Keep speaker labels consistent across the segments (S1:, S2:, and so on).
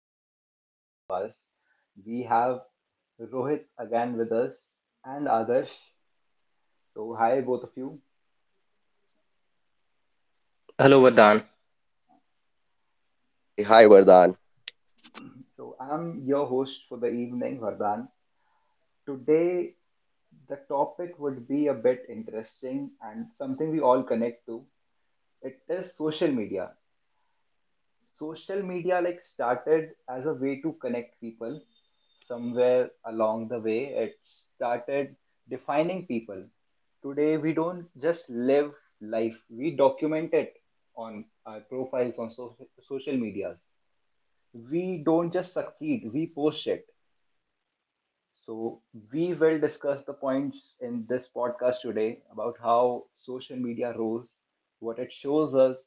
S1: another podcast of ours. We have Rohit again with us and Adarsh. So, hi both of you.
S2: Hello, Vardhan.
S3: Hey,
S1: So,
S3: hi
S1: I'm
S3: Vardhan.
S1: your host for the evening, Vardhan. Today, the topic would be a bit interesting and something we all connect to. It is social media like started as a way to connect people. Somewhere along the way it started defining people. Today we don't just live life, we document it on our profiles on social medias. We don't just succeed, we post it. So, we will discuss the points in this podcast today about how social media rose, what it shows us,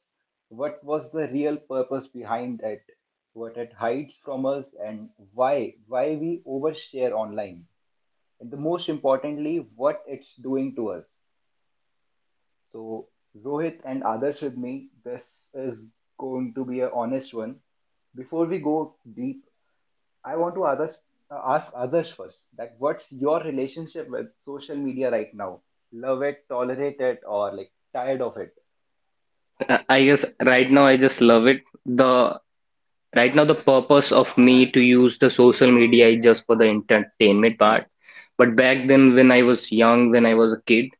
S1: what was the real purpose behind it, what it hides from us, and why we overshare online, and the most importantly, what it's doing to us. So, Rohit and others with me, this is going to be an honest one. Before we go deep, I want to others ask others first. That what's your relationship with social media right now? Love it, tolerate it, or like tired of it?
S2: I guess right now I just love it. The Right now the purpose of me to use the social media is just for the entertainment part. But back then, when I was young, when I was a kid,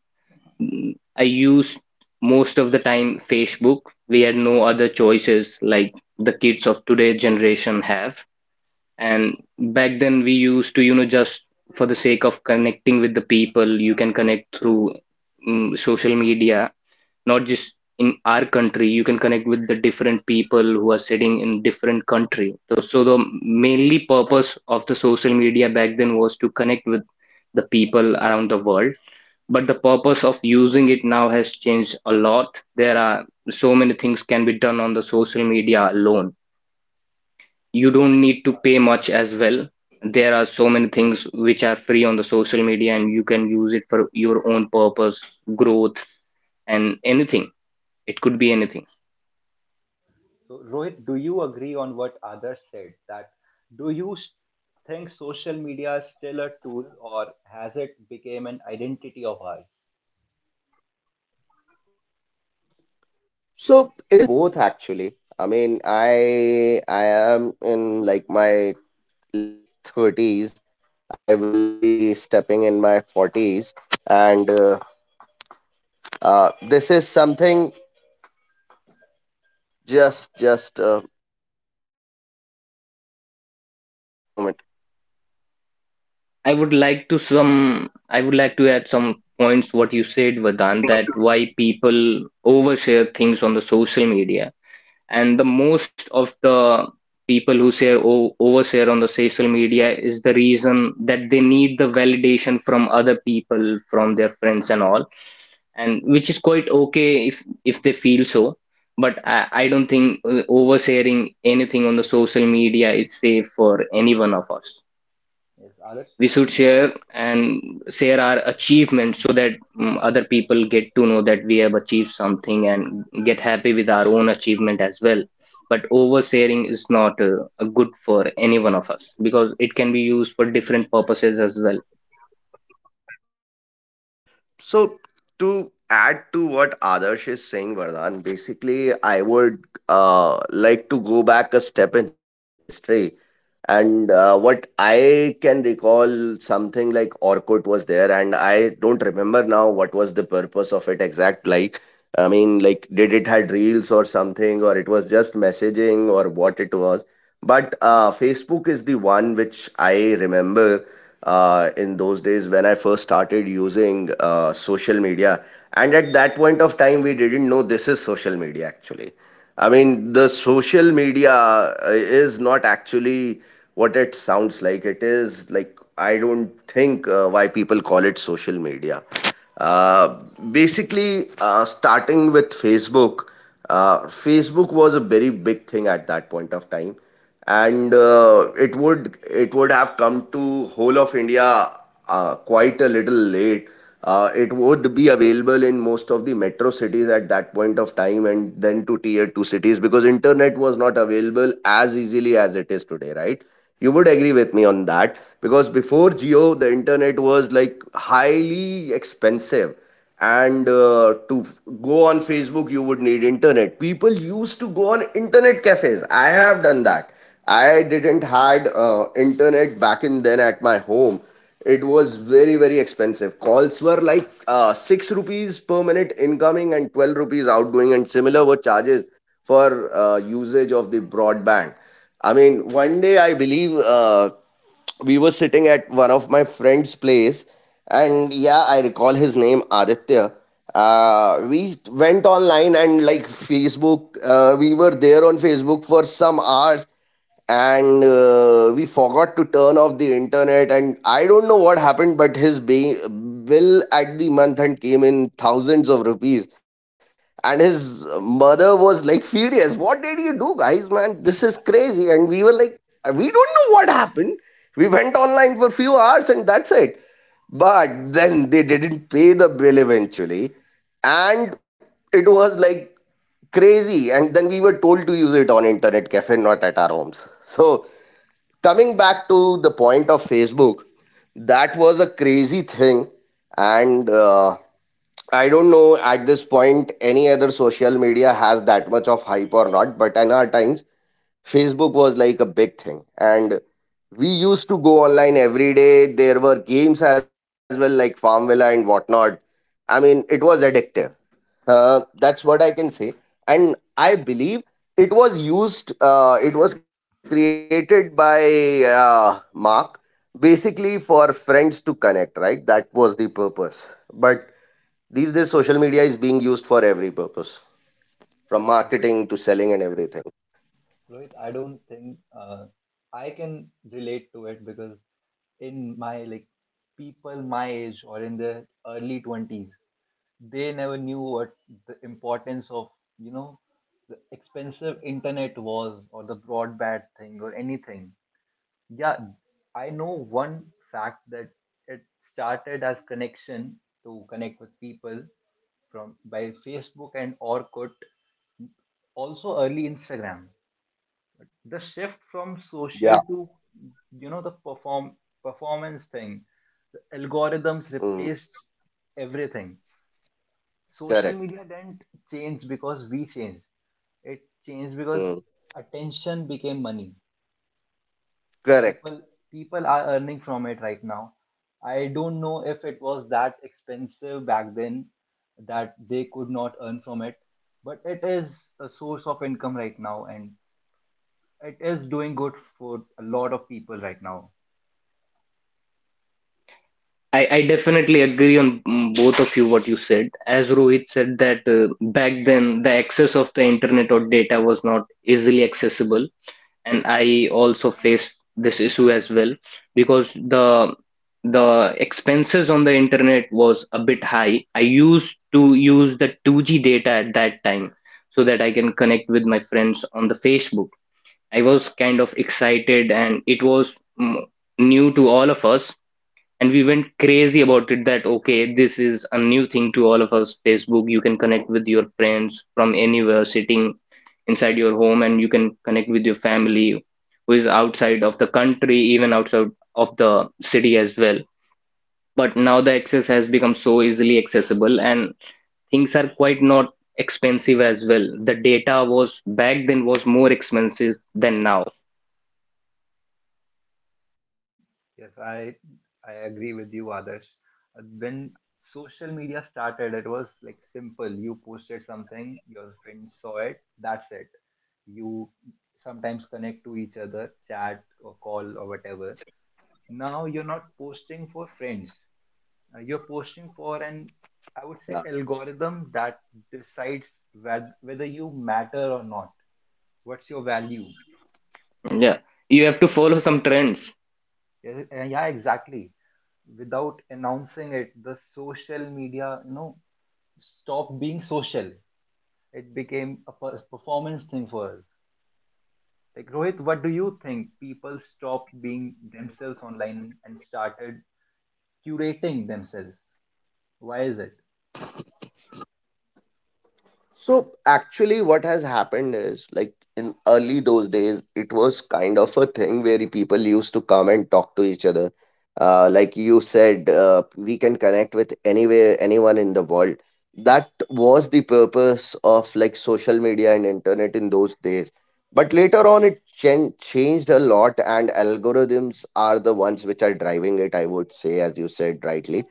S2: I used most of the time Facebook. We had no other choices like the kids of today generation have. And back then, we used to, just for the sake of connecting with the people. You can connect through social media, not just in our country. You can connect with the different people who are sitting in different country. So the mainly purpose of the social media back then was to connect with the people around the world. But the purpose of using it now has changed a lot. There are so many things can be done on the social media alone. You don't need to pay much as well. There are so many things which are free on the social media and you can use it for your own purpose, growth, and anything. It could be anything.
S1: So Rohit, do you agree on what others said? That do you s- think social media is still a tool, or has it become an identity of ours?
S3: So it is both actually. I mean, I am in like my late 30s. I will be stepping in my forties, and this is something. Just, just, uh, just a moment.
S2: I would like to add
S3: So,
S2: some points what you said, Vedant, that why people overshare things on the social media. And the most of the people who share o overshare on the social media is the reason that they need the validation from other people, from their friends and all, and which is quite okay if they feel so. But I don't think oversharing anything on the social media is safe for any one of us.
S1: Yes, others.
S2: We should share
S1: Sure.
S2: and share our achievements so that other people get to know that we have achieved something and get happy with our own achievement as well. But oversharing is not good for any one of us because it can be used for different purposes as well.
S3: so, to add to what Adarsh is saying, Vardhan, basically, I would like to go back a step in history. And what I can recall, something like Orkut was there, and I don't remember now what was the of it exact. I mean, like, did it had reels or something, or it was just messaging, or what it was? But Facebook is the one which I remember in those days when I first started using social media. And at that point of time, we didn't know this is social media actually. I mean, the social media is not actually what it sounds like. It is like, I don't think why people call it social media. Uh, starting with Facebook, Facebook was a very big thing at that point of time, and it would have come to whole of India quite a little late. It would available in most of the metro cities at that point of time, and then to tier two cities because internet was not available as easily as it is today, right? You would agree with me on that because before Geo, the internet like highly expensive, and go on Facebook you would need internet. People used to go on internet cafes. I have done that. I didn't had internet back in then at my home. It was very very expensive. Calls were like 6 rupees per minute incoming and 12 rupees outgoing, and similar charges for usage of the broadband. I mean one day I believe, we were sitting at one of my friend's place, and yeah, I recall his name Aditya. We went online and like Facebook, we were there on Facebook for some hours, and we forgot to turn off the internet, and I don't know what happened, but bill at the month end came in thousands of rupees. And his mother was like furious, what did you do guys man, this is crazy. And we were like, we don't know what happened. We went online for a few hours and that's it. But then they didn't pay the bill eventually. And it was like crazy, and then we were told to use it on internet cafe not at our homes. So coming back to the point of Facebook, that was crazy thing. And I don't know at this point any other social media has that much of hype or not, but in our times, Facebook was like a big thing. And we used to go online every day. There were games as well, like Farm Villa and whatnot. I mean, it was addictive, that's what I can say. And I believe it was it was created by Mark, basically for friends to connect, right? That was the purpose. But these days, social media is being used for every purpose, from marketing to
S1: Yeah.
S3: selling and everything.
S1: Rohit, I don't think I can relate to it because in my like people my age or in their early 20s, they never knew what the importance of, you know, the expensive internet was or the broadband thing or anything. Yeah, I know one fact that it started as connection to connect with people from by Facebook and Orkut, also early Instagram. The shift from
S3: Yeah.
S1: social to, you know, the performance thing, the algorithms
S3: Mm,
S1: replaced everything. Social
S3: correct.
S1: media didn't change because we changed, it changed because
S3: Mm,
S1: attention became money.
S3: correct.
S1: People people are earning from it right now. I don't know if it was that expensive back then that they could not earn from it, but it is a source of income right now. And it is doing good for a lot of people right now.
S2: I definitely agree on both of you what you said. As Rohit said that back then the access of the internet or data was not easily accessible, and I also faced this issue as well, because the expenses on the internet was a bit high. I used to use the 2G data at that time so that I can connect with my friends on the Facebook. I was kind of excited and it was mm, new to all of us, and we went crazy about it that, okay, this is a new thing to all of us. Facebook, you can connect with your friends from anywhere sitting inside your home, and you can connect with your family who is outside of the country, even outside of the city as well. But now the access has become so easily accessible and things are quite not expensive as well. The data was back then was more expensive than now.
S1: Yes, I agree with you, Adarsh. When social media started, it was like simple. You posted something, your friends saw it, that's it. You sometimes connect to each other, chat or call or whatever. Now you're not posting for friends. You're posting for an, I would say, algorithm that decides whether you matter or not. What's your value?
S2: Yeah, you have to follow some trends.
S1: Yes, Yeah, exactly. Without announcing it, the social media, you know, stopped being social. It became a performance thing for us. Like Rohit, what do you think, people stopped being themselves online and started curating themselves? Why is it?
S3: So actually, what has happened is like in early those days, it was kind of a thing where people used to come and talk to each other. Like you said, we can connect with anywhere, anyone in the world. That was the purpose of like social media and internet in those days. But later on, changed a lot, and algorithms are the ones which are driving it, I would say, as said rightly.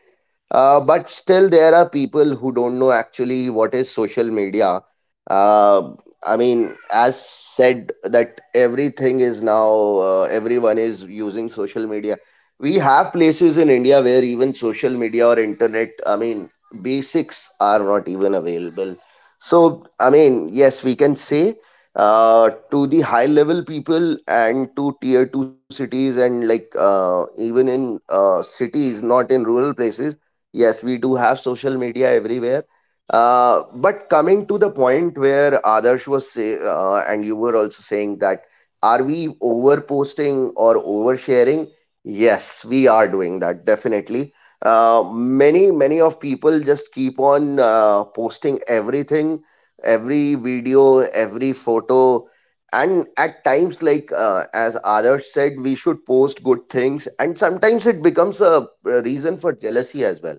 S3: But still, there are people who don't know actually what is social media. Uh, I mean, as said, that everyone is using social media. We have places in India where even social media or internet, I mean, basics are not even available. So, I mean, yes, we can say to the high level people and to tier two cities and even in cities, not in rural places. Yes, we do have social media everywhere. But coming to the point where Adarsh was say, and you were also saying that, are we over posting or oversharing? Yes, we are doing that definitely. Many of people just keep on posting everything, every video, every photo. And at times, as others said, we should post good things, and sometimes it becomes a reason for jealousy as well.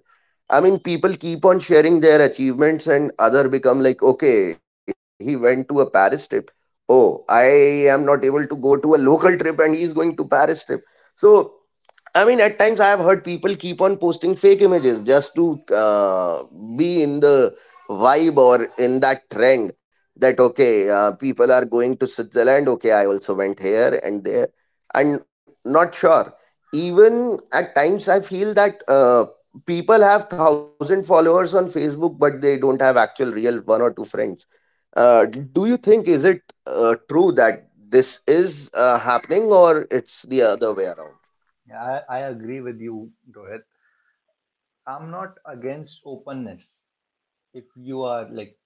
S3: I mean, people keep on sharing their achievements and other become like, okay, he went to a Paris trip. Oh, I am not able to go to a local trip and he's going to Paris trip. So I mean, at times I have heard people keep on posting fake images just to be in the vibe or in that trend. That, okay, people are going to Switzerland. Okay, I also went here and there. And not sure. Even at times I feel that people have 1,000 followers on Facebook, but they don't have actual real one or two friends. Do you think is it true that this is happening, or it's the other way around?
S1: Yeah, I agree with you, Rohit. I'm not against openness. If you are like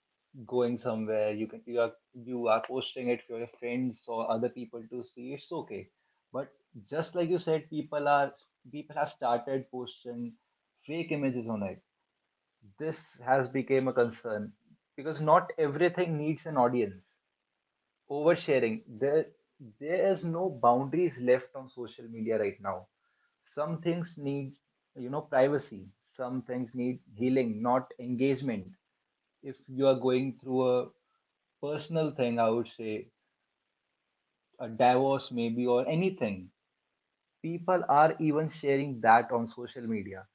S1: going somewhere, you can you are posting it for your friends or other people to see, it's okay. But just like you said, people have started posting fake images on it. This has become a concern because not everything needs an audience. Oversharing, there is no boundaries left on social media right now. Some things need, you know, privacy. Some things need healing, not engagement. If you are going through a personal thing, I would say, a divorce maybe or anything. People are even sharing that on social media.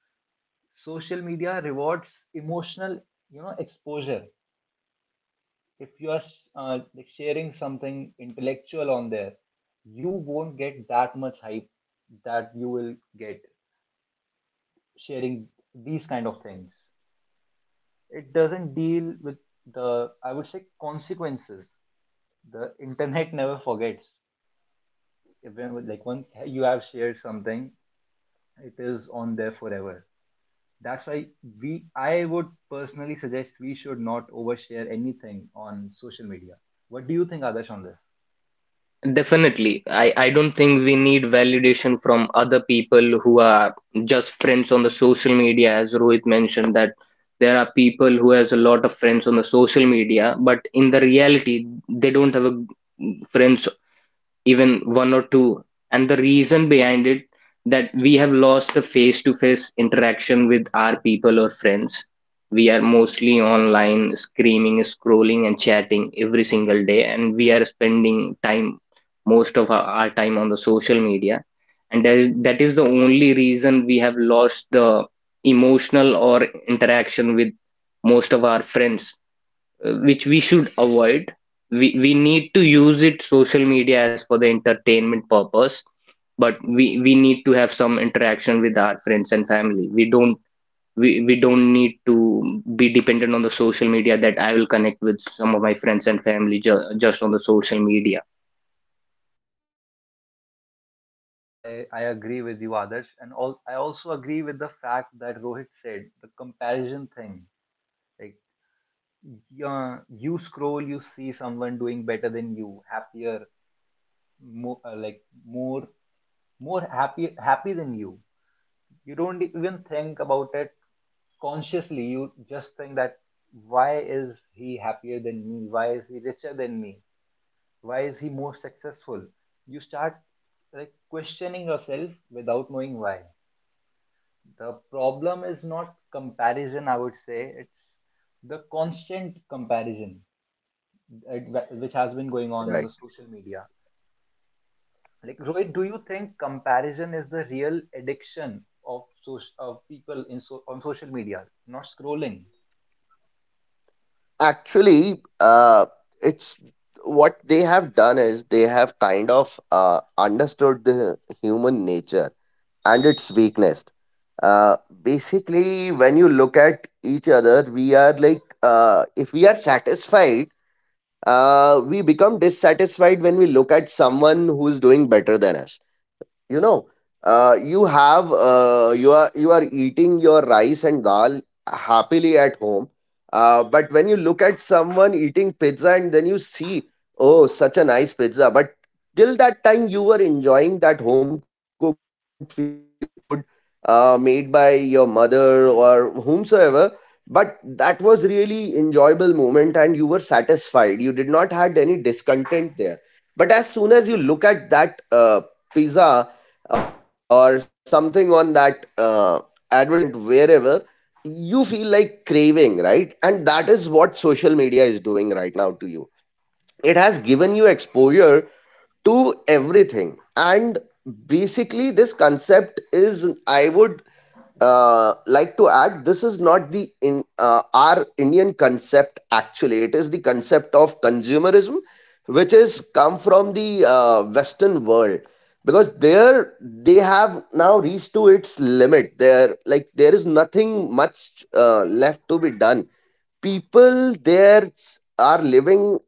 S1: Social media rewards emotional, you know, exposure. If you are like sharing something intellectual on there, you won't get that much hype that you will get sharing these kind of things. It doesn't deal with the, I would say, consequences. The internet never forgets. Even with, like once you have shared something, it is on there forever. That's why we I would personally suggest we should not overshare anything on social media. What do you think, Adarsh, on this?
S2: Definitely. I don't think we need validation from other people who are just friends on the social media, as Rohit mentioned, that there are people who has a lot of friends on the social media, but in the reality, they don't have a friends even one or two. And the reason behind it that we have lost the face-to-face interaction with our people or friends. We are mostly online, screaming, scrolling, and chatting every single day, and we are spending time, most of our time on the social media. And that is the only reason we have lost the emotional or interaction with most of our friends, which we should avoid. We need to use it social media as for the entertainment purpose, but we need to have some interaction with our friends and family. We don't need to be dependent on the social media that I will connect with some of my friends and family just on the social media.
S1: I agree with you, Adarsh. And all, I also agree with the fact that Rohit said, the comparison thing. Like yeah, you scroll, you see someone doing better than you, happier, more more happy than you. You don't even think about it consciously, you just think that why is he happier than me, why is he richer than me, why is he more successful. You start like questioning yourself without knowing why. The problem is not comparison, I would say, it's the constant comparison, uh, which has been going on
S3: Right.
S1: the social media. Like Rohit, do you think comparison is the real addiction of social of people in on social media, not scrolling?
S3: Actually, it's what they have done is they have kind of understood the human nature and its weakness. Uh, Basically, when you look at each other, we are like, if we are satisfied, we become dissatisfied when we look at someone who's doing better than us, you know. You are you are eating your rice and dal happily at home. But when you look at someone eating pizza and then you see, oh such a nice pizza, but till that time you were enjoying that home cooked food made by your mother or whomsoever. But that was really enjoyable moment and you were satisfied, you did not had any discontent there. But as soon as you look at that pizza or something on that advertisement wherever, you feel like craving, right? And that is what social media is doing right now to you. It given you exposure to everything. And basically this concept is, I would like to add, this is not the in our Indian concept actually. It is the concept of consumerism, which is come from the western world. There, they have now reached to its limit there, like there is nothing much left to be done. People there are living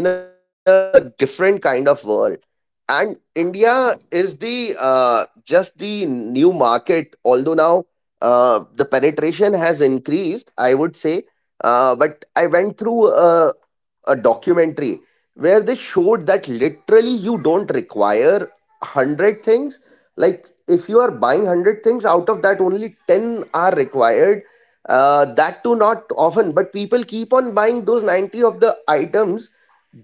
S3: in a different kind of world. And India is the just the new market. Although now the penetration has increased, would say. But I went through a documentary where they showed that literally you don't require 100 things. Like, if you are buying 100 things, out of that, only 10 are required. That too, not often, but people keep on buying those 90 of the items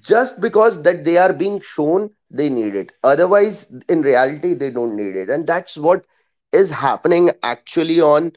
S3: just because that they are being shown they need it, otherwise in reality they don't need it. And that's what is happening actually on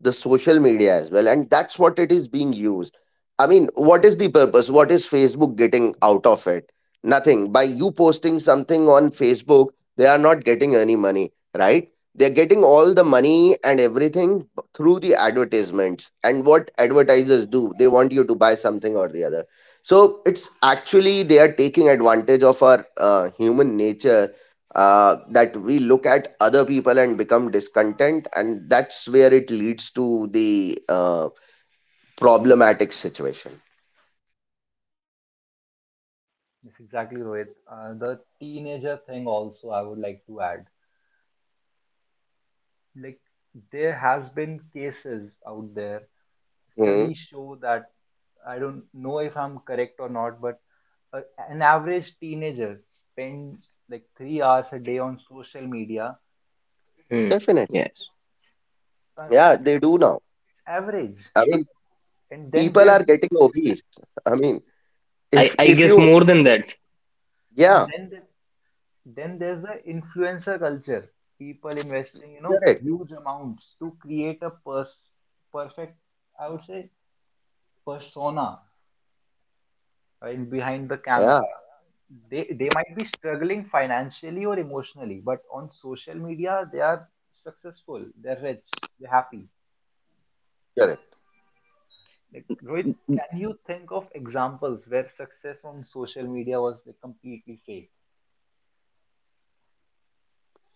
S3: the social media as well, and that's what it is being used. I mean, what is the purpose, what is Facebook getting out of it? Nothing. By you posting something on Facebook, they are not getting any money, right? They're getting all the money and everything through the advertisements. And what advertisers do, they want you to buy something or the other. So it's actually they are taking advantage of our human nature, that we look at other people and become discontent, and that's where it leads to the problematic situation.
S1: Yes, exactly, Rohit. The teenager thing also I would like to add. Like there has been cases out there.
S3: Hmm.
S1: Studies show that I don't know if I'm correct or not, but a, an average teenager spends like 3 hours a day on social media.
S2: Hmm.
S3: Definitely.
S2: Yes.
S1: Uh,
S3: Yeah, they do
S1: it's
S3: now.
S1: average,
S3: I mean,
S1: and
S3: people are getting obese. I mean,
S2: I
S3: if you...
S2: guess more than that,
S3: Yeah,
S1: and then the, then there's the influencer culture. People investing, you know,
S3: correct.
S1: huge amounts to create a pers perfect, I would say, persona right behind the camera.
S3: Yeah,
S1: They might be struggling financially or emotionally, but on social media they are successful, they're rich, they're happy.
S3: correct.
S1: Like Rohit, can you think of examples where success on social media was like completely fake?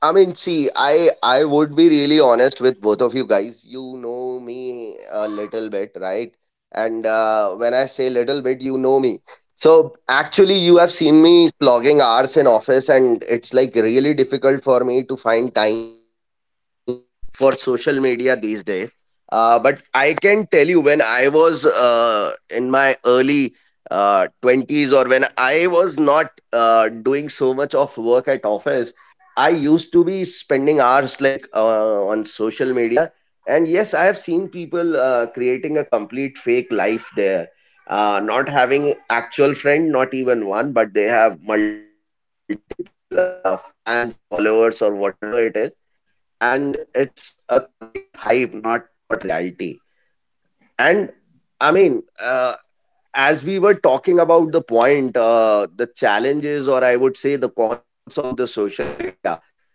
S3: I mean, see, I would be really honest with both of you guys. You know me a little bit. And when I say little bit, you know me. So
S1: Uh-huh,
S3: actually,
S1: yes.
S3: you have seen me slogging hours in office, and it's like really difficult for me to find time for social media these days. But I can tell you, when I was in my early 20s, or when I was not doing so much of work at office, I used to be spending hours like on social media. And yes, I have seen people creating a complete fake life there, not having actual friend, not even one, but they have multiple fans, followers, or whatever it is. And it's a complete hype, not not reality. And I mean, uh, as we were talking about the point, the challenges, or I would say the cons of the social media,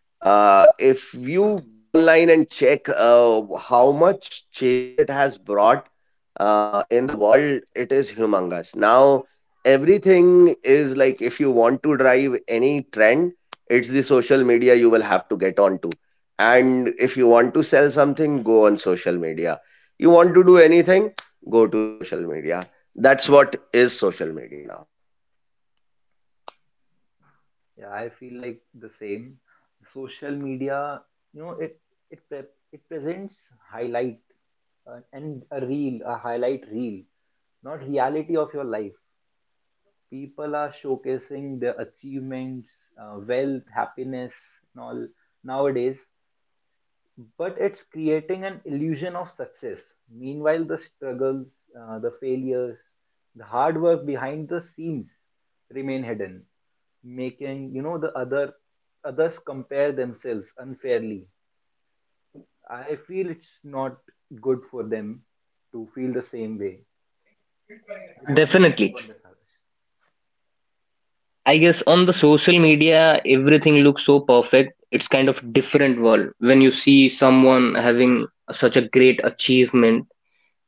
S3: if you go online and check how much change it has brought in the world, it is humongous. Now, everything is like if you want to drive any trend, it's the social media you will have to get to. And if you want to sell something, go on social media. You want to do anything, go to social media. That's what is social media now.
S1: Yeah, I feel like the same. Social media, you know, it presents highlight and a reel a highlight reel, not reality of your life. People are showcasing their achievements, wealth, happiness, and all nowadays, but it's creating an illusion of success. Meanwhile, the struggles, the failures, the hard work behind the scenes remain hidden, making, you know, the other others compare themselves unfairly. I feel it's not good for them to feel the same way. Like, what do you think
S2: definitely.
S1: on this, Harsh?
S2: I guess on the social media, everything looks so perfect. It's kind of different world. When you see someone having such a great achievement,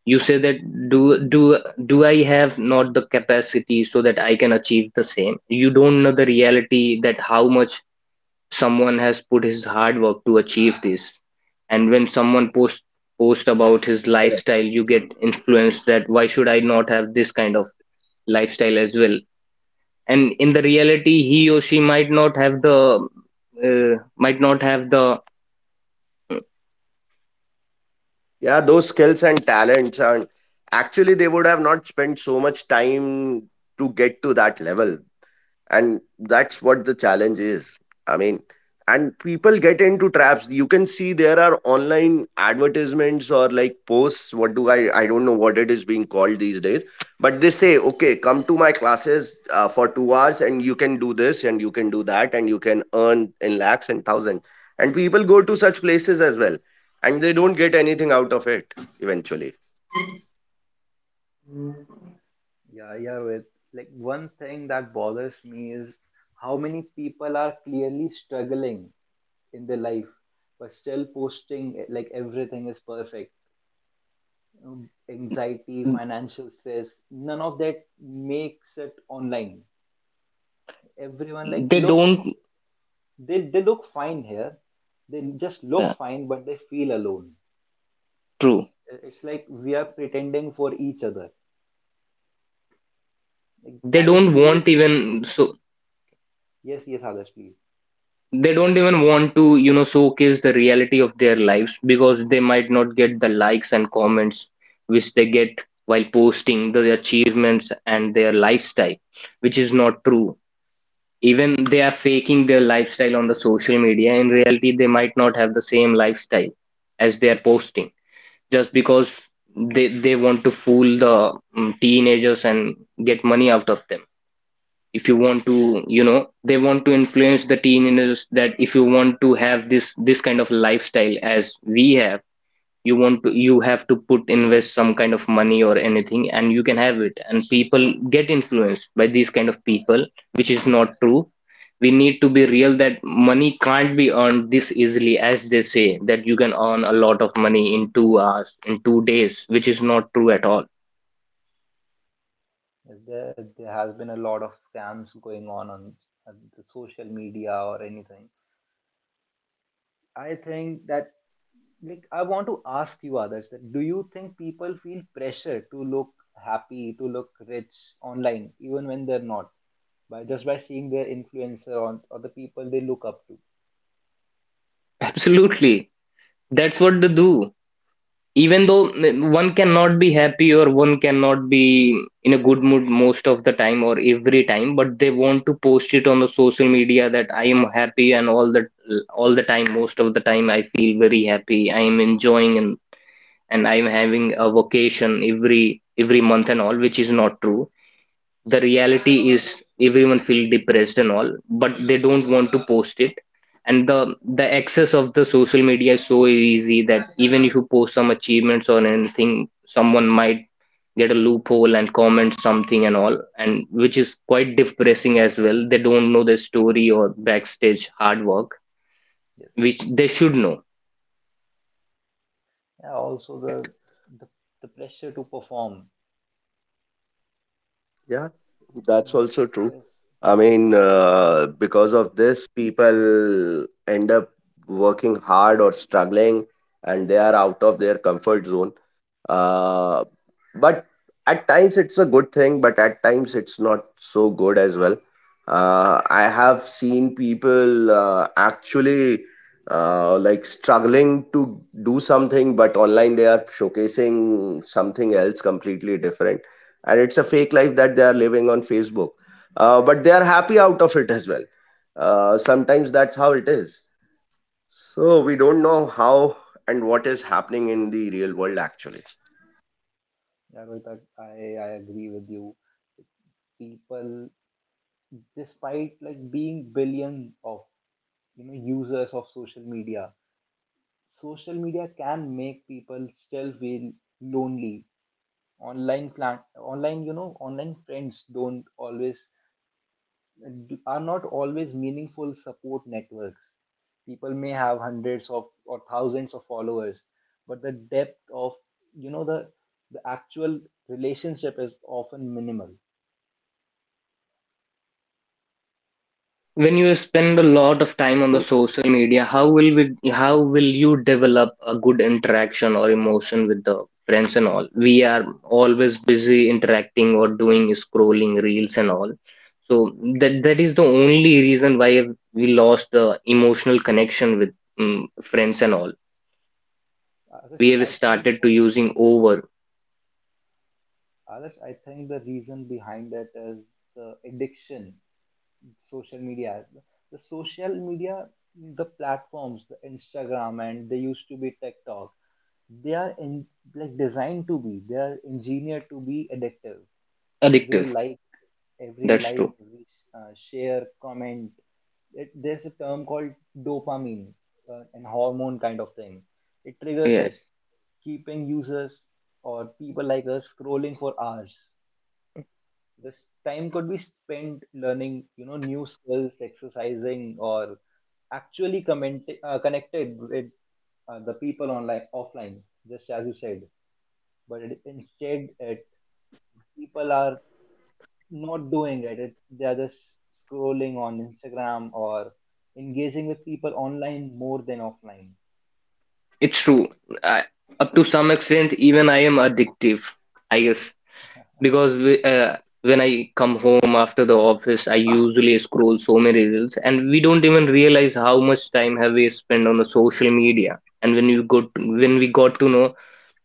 S2: you say that do do do I have not the capacity so that I can achieve the same? You don't know the reality that how much someone has put his hard work to achieve this. And when someone posts post about his lifestyle, you get influenced that why should I not have this kind of lifestyle as well? And in the reality he or she might not have the might not have the.
S3: Yeah, those skills and talents, and actually, they would have not spent so much time to get to that level. And that's what the challenge is. I mean, and people get into traps. You can see there are online advertisements or like posts. What do I don't know what it is being these days, but they say, okay, come to my classes for 2 hours and you can do this and you can do that and you can earn in lakhs and thousands. And people go to such places as well and they don't get anything out of it eventually.
S1: Yeah, yeah, Rohit. Like one thing that bothers me is how many people are clearly struggling in their life, but still posting, like everything is perfect. Anxiety, financial stress, none of that makes it online. Everyone like
S2: They
S1: look,
S2: don't
S1: they look fine here. They just look
S2: uh,
S1: fine, but they feel alone.
S2: True.
S1: It's like we are pretending for each other. Like,
S2: they
S1: others,
S2: don't
S1: do you?
S2: want even so
S1: Yes, yes, others, please.
S2: they don't even want to showcase the reality of their lives, because they might not get the likes and comments which they get while posting the achievements and their lifestyle, which is not true. Even they are faking their lifestyle on the social media. In reality they might not have the same lifestyle as they are posting, just because they want to fool the teenagers and get money out of them. If you want to you know They want to influence the teenagers that if you want to have this kind of lifestyle as we have, you have to put invest some kind of money or anything, and you can have it. And people get influenced by these kind of people, which is not true. We need to be real that money can't be earned this easily as they say, that you can earn a lot of money in 2 hours in 2 days, which is not true at all.
S1: There has been a lot of scams going on the social media or anything. I think that, like, I want to ask you, others, that do you think people feel pressure to look happy, to look rich online, even when they're not, by just by seeing their influencer on or the people they look up to?
S2: Absolutely, that's what they do. Even though one cannot be happy or one cannot be in a good mood most of the time or every time, but they want to post it on the social media that, I am happy and all the time, most of the time I feel very happy, I am enjoying, and I'm having a vacation every month and all, which is not true. The reality is everyone feel depressed and all, but they don't want to post it. And the access of the social media is so easy that even if you post some achievements or anything, someone might get a loophole and comment something and all, and which is quite depressing as well. They don't know the story or backstage hard work,
S1: Yes.
S2: which they should know.
S1: Yeah, also
S3: Correct.
S1: the, the pressure to perform.
S3: Yeah, that's
S1: Mm,
S3: also true.
S1: there's many things.
S3: Because of this, people end up working hard or struggling and they
S1: Yes.
S3: are out of their comfort zone. Uh, but at times it's a good thing but at times it's not so good as well. I have seen people actually like struggling to do something but online they are showcasing something else completely different and it's a fake life that they are living on Facebook, but they are happy out of it as well. Sometimes that's how it is. So we don't know how and what is happening in the real world actually.
S1: Yeah, Rohit, I agree with you. People, despite like being billion of, you know, users of social media, social media can make people still feel lonely online. Plan Online, you know, online friends don't always, are not always meaningful support networks. People may have hundreds of or thousands of followers, but the depth of, you know, the actual relationship is often minimal.
S2: When you spend a lot
S3: Yeah,
S2: of
S3: that's
S2: time on the
S3: true.
S2: social media, how will you develop a good interaction or emotion with the friends and all? We are always busy interacting or doing scrolling reels and all. So that is the only reason why we lost the emotional connection with friends and all. We have
S1: I think,
S2: started to using over.
S1: others, I think the reason behind that is the addiction, social media. The social media, the platforms, the Instagram, and they used to be TikTok. They are in, like designed to be, they are engineered to be addictive. Every
S2: Addictive.
S1: like,
S2: That's true.
S1: every share, comment. It, there's a term called dopamine, an hormone kind of thing. It triggers
S2: Yes,
S1: it, keeping users or people like us scrolling for hours. This time could be spent learning, you know, new skills, exercising or actually connected with the people online, offline, just as you said. But it, instead it, people are not doing it. It they are just scrolling on Instagram or engaging with people online more than offline.
S2: it's true. I, up to some extent, even I am addictive, I guess. Because when I come home after the office, I usually scroll so many reels, and we don't even realize how much time have we spent on the social media. And when we got to know,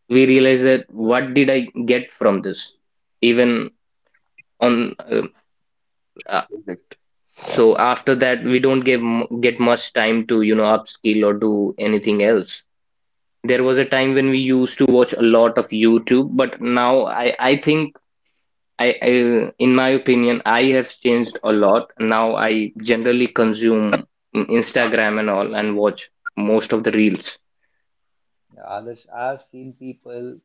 S2: we realize that what did I get from this? Even on
S3: Correct.
S2: uh, so after that, we don't get much time to upskill or do anything else. There was a time when we used to watch a lot of YouTube, but now I think I in my opinion, I have changed a lot. Now I generally consume Instagram and all and watch most of the reels.
S1: Yeah, others, I've seen people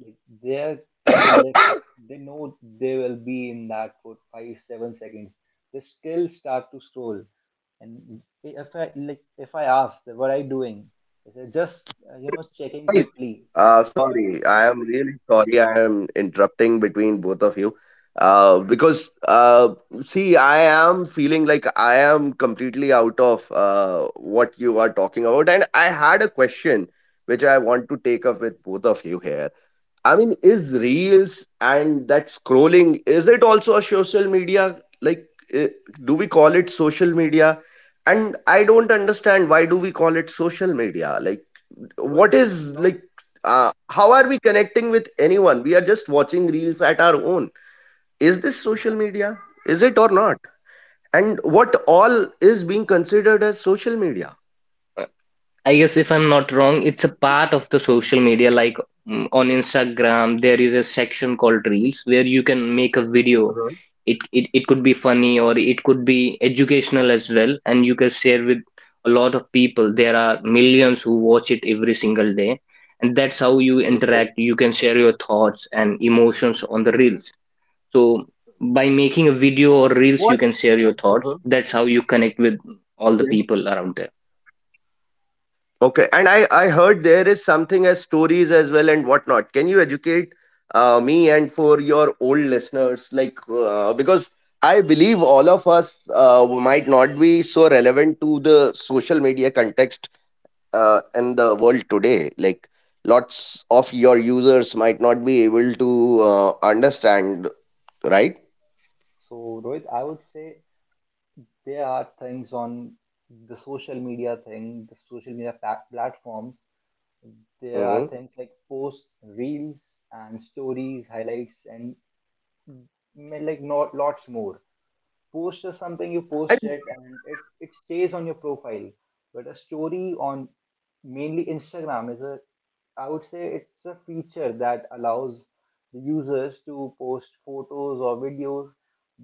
S1: like they're in the lift. They know they will be in that for five, 7 seconds. They still start to scroll. And if I like, if I ask, what are you doing? They say just, you know, checking
S3: Guys,
S1: quickly. But
S3: Sorry, I am really sorry. I am interrupting between both of you. Uh, uh, See, I am feeling like I am completely out of what you are talking about, and I had a question which I want to take up with both of you here. I mean, is reels and that scrolling, is it also a social media? Like, eh, do we call it social media? And I don't understand why do we call it social media? Like,
S1: Rohit,
S3: what
S1: it's
S3: is
S1: not.
S3: like?
S1: It's
S3: How are we connecting with anyone? We are just watching reels at our own. Is this
S1: exactly.
S3: media? Is it or not? And what all is being considered as social media?
S2: I guess if
S1: Yes.
S2: I'm not wrong, it's a part of the social media. Like, on Instagram, there is a section called Reels where you can make a video.
S3: uh
S2: It could be funny or it could be educational as well, and you can share with a lot of people. There are millions who watch it every single day, and that's how you interact.
S3: Okay.
S2: You can share your thoughts and emotions on the Reels. So by making a video or Reels, you can
S3: What?
S2: share your thoughts.
S3: uh
S2: That's how you connect with all the people around there.
S3: Okay, and I heard there is something as stories as well and whatnot. Can you educate me and for your old listeners, like because I believe all of us might not be so relevant to the social media context in the world today. Like lots of your users might not be able to understand, right?
S1: So Rohit, I would say there are things on the social media thing, the social media platforms. There are
S3: Mm-hmm.
S1: things like posts, reels, and stories, highlights, and like not lots more. Post is something you post it and it, it stays on your profile. But a story on mainly Instagram is a, I would say, it's a feature that allows the users to post photos or videos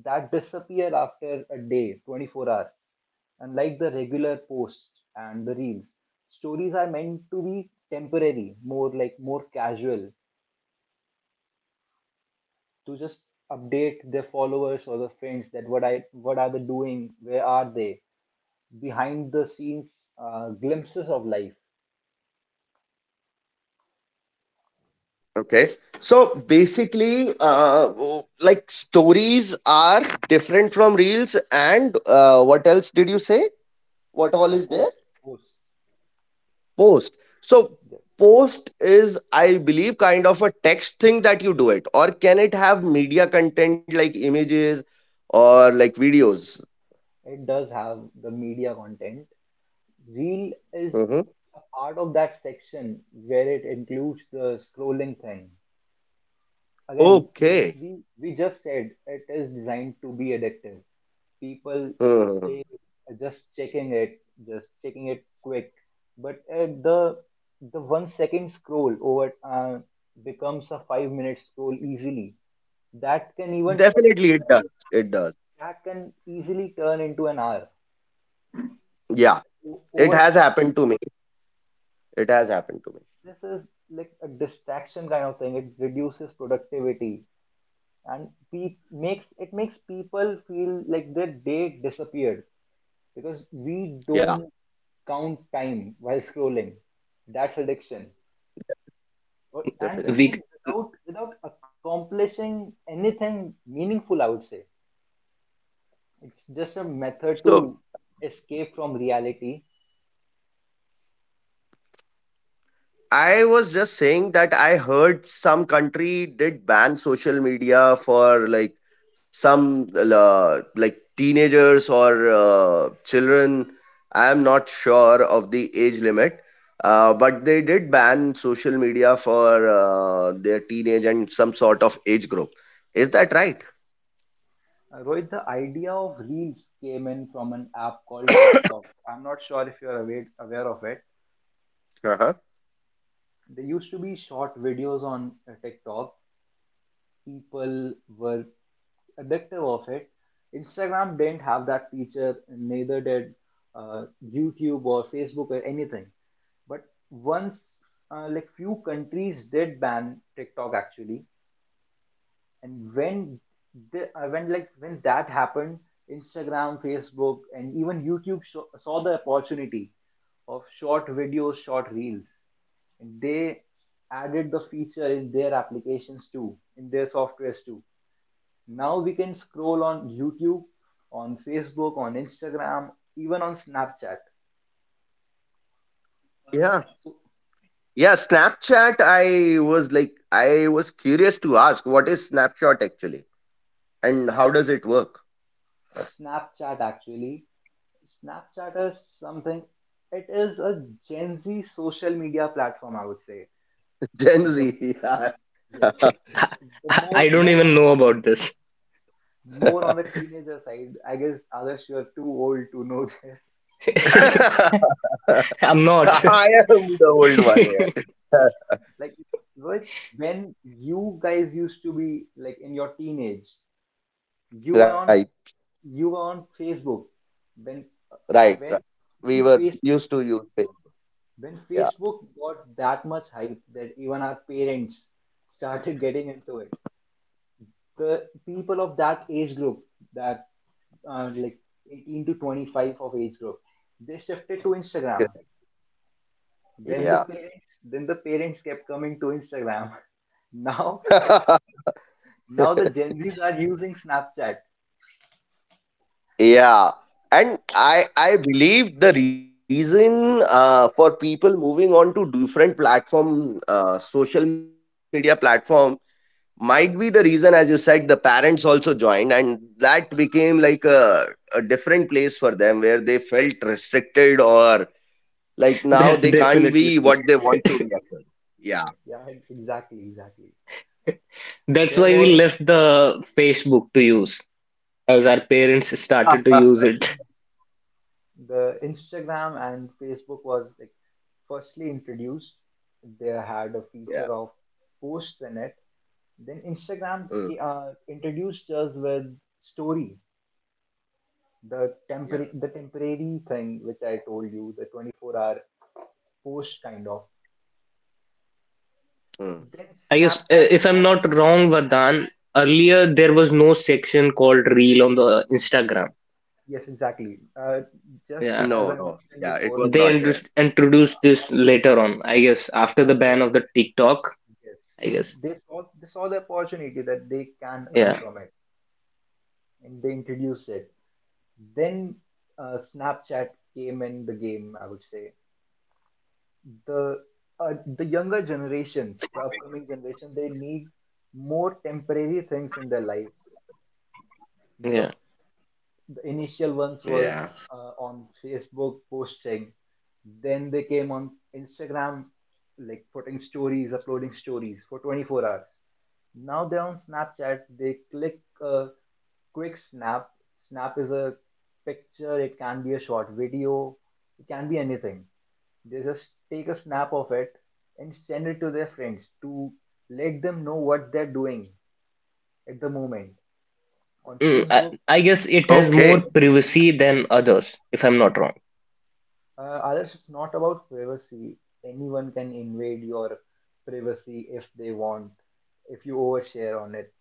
S1: that disappear after a day, 24 hours, unlike the regular posts and the reels. Stories are meant to be temporary, more like more casual, to just update their followers or the friends that what I what are they doing, where are they, behind the scenes, glimpses of life.
S3: Okay. So basically, like stories are different from reels. And what else did you say? What all
S1: Uh,
S3: is there?
S1: post, Post.
S3: Post. So
S1: Yes.
S3: post is, I believe, kind of a text thing that you do it. Or can it have media content like images or like videos?
S1: It does have the media content. Reel
S3: Hmm.
S1: is a part of that section where it includes the scrolling thing. again
S3: Okay.
S1: we we just said it is designed to be addictive. People
S3: Hmm.
S1: say, "Just checking it, just checking it quick," but the 1 second scroll over becomes a 5 minute scroll easily. That can even
S3: Definitely, it does. It does.
S1: that can easily turn into an hour
S3: Yeah. It
S1: Over time.
S3: has happened to me. It has happened to me.
S1: This is like a distraction kind of thing. It reduces productivity and makes people feel like their day disappeared, because we
S3: Yeah,
S1: don't count time while scrolling. That's addiction. And
S3: definitely.
S2: We
S1: even without accomplishing anything meaningful, I would say it's just a method
S3: So
S1: to escape from reality.
S3: I was just saying that I heard some country did ban social media for like some like teenagers or children. I am not sure of the age limit, but they did ban social media for their teenage and some sort of age group. Is that right?
S1: Rohit, the idea of reels came in from an app called TikTok. I'm not sure if you're aware of it.
S3: Uh-huh.
S1: There used to be short videos on TikTok. People were addictive of it. Instagram didn't have that feature, and neither did uh, YouTube or Facebook or anything. But once, like, few countries did ban TikTok actually, and when the, when like when that happened, Instagram, Facebook, and even YouTube saw the opportunity of short videos, short reels, and they added the feature in their applications too, in their softwares too. Now we can scroll on YouTube, on Facebook, on Instagram, even on Snapchat.
S3: Yeah.
S1: So
S3: Yeah, Snapchat. I was like, I was curious to ask what is Snapchat actually and
S1: uh,
S3: how does it work?
S1: it's Snapchat actually. Snapchat is something. It is a Gen Z social media platform, I would say.
S3: Gen
S1: the
S3: Z. Yeah.
S1: yes the, the more
S2: I don't
S1: more
S2: even know about this.
S1: more on the teenager side. I guess, others, you're too old to know this.
S2: I'm not.
S3: I am the old one here.
S1: Like, but when you guys used to be like in your teenage, you
S3: Right,
S1: were on you were on Facebook when
S3: right.
S1: when
S3: We were
S1: when
S3: used to use it. Yeah,
S1: Facebook got that much hype that even our parents started getting into it. The people of that age group, that like 18 to 25 of age group, they shifted to Instagram.
S3: yeah,
S1: Then the parents kept coming to Instagram. Now Now the Gen Zs are using Snapchat.
S3: yeah. And I believe the reason for people moving on to different social media platforms, might be the reason as you said the parents also joined and that became like a different place for them where they felt restricted or like now they can't
S2: That's
S3: be what they want
S2: definitely
S3: to
S2: true.
S3: be actually. Yeah.
S1: Yeah, exactly, exactly.
S2: That's
S1: There
S2: why we
S1: was
S2: left the Facebook to use, as our parents
S3: Yeah.
S2: started to use it.
S1: the Instagram and Facebook was like firstly introduced. They had a
S3: Yeah.
S1: feature of posts in it. Then
S3: Mm,
S1: Instagram introduced us with story,
S3: yeah.
S1: the temporary thing which I told you, the 24-hour post kind of.
S3: Mm.
S1: Then
S2: I guess,
S1: Snapchat
S2: if I'm
S1: thought
S2: not
S1: of
S2: wrong, Vardhan, earlier
S1: yes,
S2: there was no section called Reel on the Instagram.
S1: yes, exactly.
S3: No, no, yeah, it was
S1: Just
S2: Yeah.
S3: not
S1: as I
S3: there.
S1: mentioned before,
S2: They introduced
S1: uh,
S2: introduced this
S1: after,
S2: later on, I guess, after the
S1: when
S2: ban of the TikTok,
S1: yes,
S2: I guess.
S1: they saw the opportunity that they can earn
S2: Yeah.
S1: from it, and they introduced it. Then Snapchat came in the game. I would say the the younger generations, the upcoming generation, they need more temporary things in their lives. The
S2: Yeah.
S1: the initial ones were on
S3: Yeah.
S1: Facebook posting, then they came on Instagram, like putting stories, uploading stories for 24 hours. Now they're on Snapchat. They click a quick snap. Snap is a picture, it can be a short video, it can be anything. They just take a snap of it and send it to their friends to let them know what they're doing at the moment. On
S2: I,
S1: Facebook,
S2: I guess it has
S3: Okay,
S2: more privacy than others, if I'm not wrong.
S1: uh, others, it's not about privacy. Anyone can invade your privacy if they want, if you overshare on it.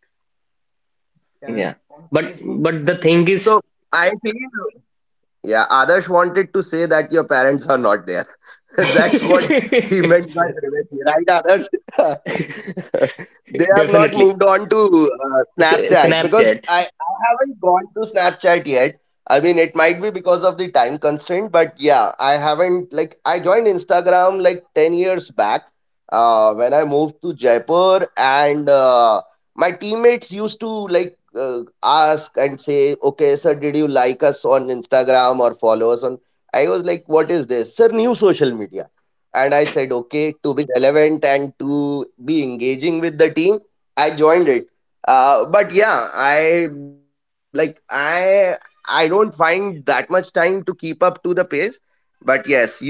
S1: Uh,
S2: Yeah.
S1: on
S2: But
S1: Facebook,
S2: but the
S1: people
S2: thing
S1: used to.
S2: is
S3: so I feel. Yeah, Adarsh wanted to say that your parents are not there. That's what
S1: Yes,
S3: he meant by
S1: yes,
S3: privacy, right, Adarsh? They have not
S2: Definitely.
S3: moved on to Snapchat because
S2: Snapchat.
S3: I haven't gone to Snapchat yet. I mean, it might be because of the time constraint, but yeah, I haven't. Like, I joined Instagram like 10 years back when I moved to Jaipur, and my teammates used to like ask and say, okay, sir, did you like us on Instagram or follow us on? I was like, what is this? Sir, new social media. And I said, okay, be relevant and to be engaging with the team, I joined it. But yeah, I like I don't find that much time to keep up to the pace. But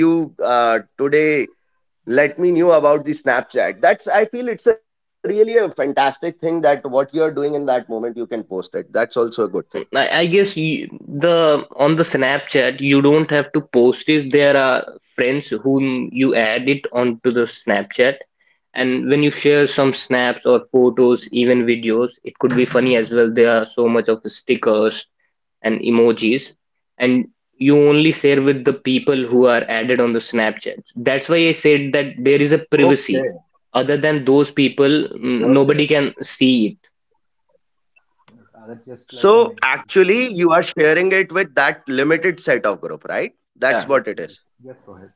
S3: yes, you today let me knew about the Snapchat. That's I feel it's a really a fantastic thing that what you're doing in that moment you can post it. That's also a good thing.
S2: I guess you, the on the Snapchat you don't have to post it. There are friends whom you add it onto the Snapchat, and when you share some snaps or photos, even videos, it could be funny as well. There are so much of stickers and emojis and you only share with
S3: Mhm.
S2: the people who are added on the Snapchat. That's why I said that there is a privacy.
S3: Okay.
S2: Other than those people,
S3: Okay.
S2: nobody can see it.
S1: yes. Others, just like I
S3: So
S1: mentioned before.
S3: actually you are sharing it with that limited set of group, right? That's
S2: Yeah,
S1: Yes,
S3: what it
S1: yes,
S3: is.
S1: yes, Rohit.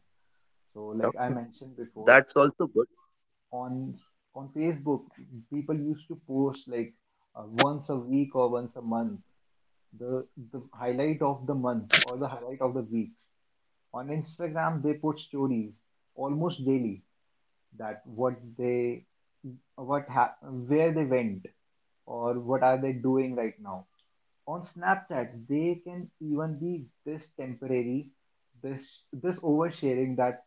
S1: So,
S3: Yeah.
S1: like I mentioned before,
S3: That's also good.
S1: on on Facebook, people used to post like once a week or once a month, the the highlight of the month or the highlight of the week. On Instagram, they put stories almost daily, that what they where they went or what are they doing right now. On Snapchat, they can even be this temporary, this this oversharing. That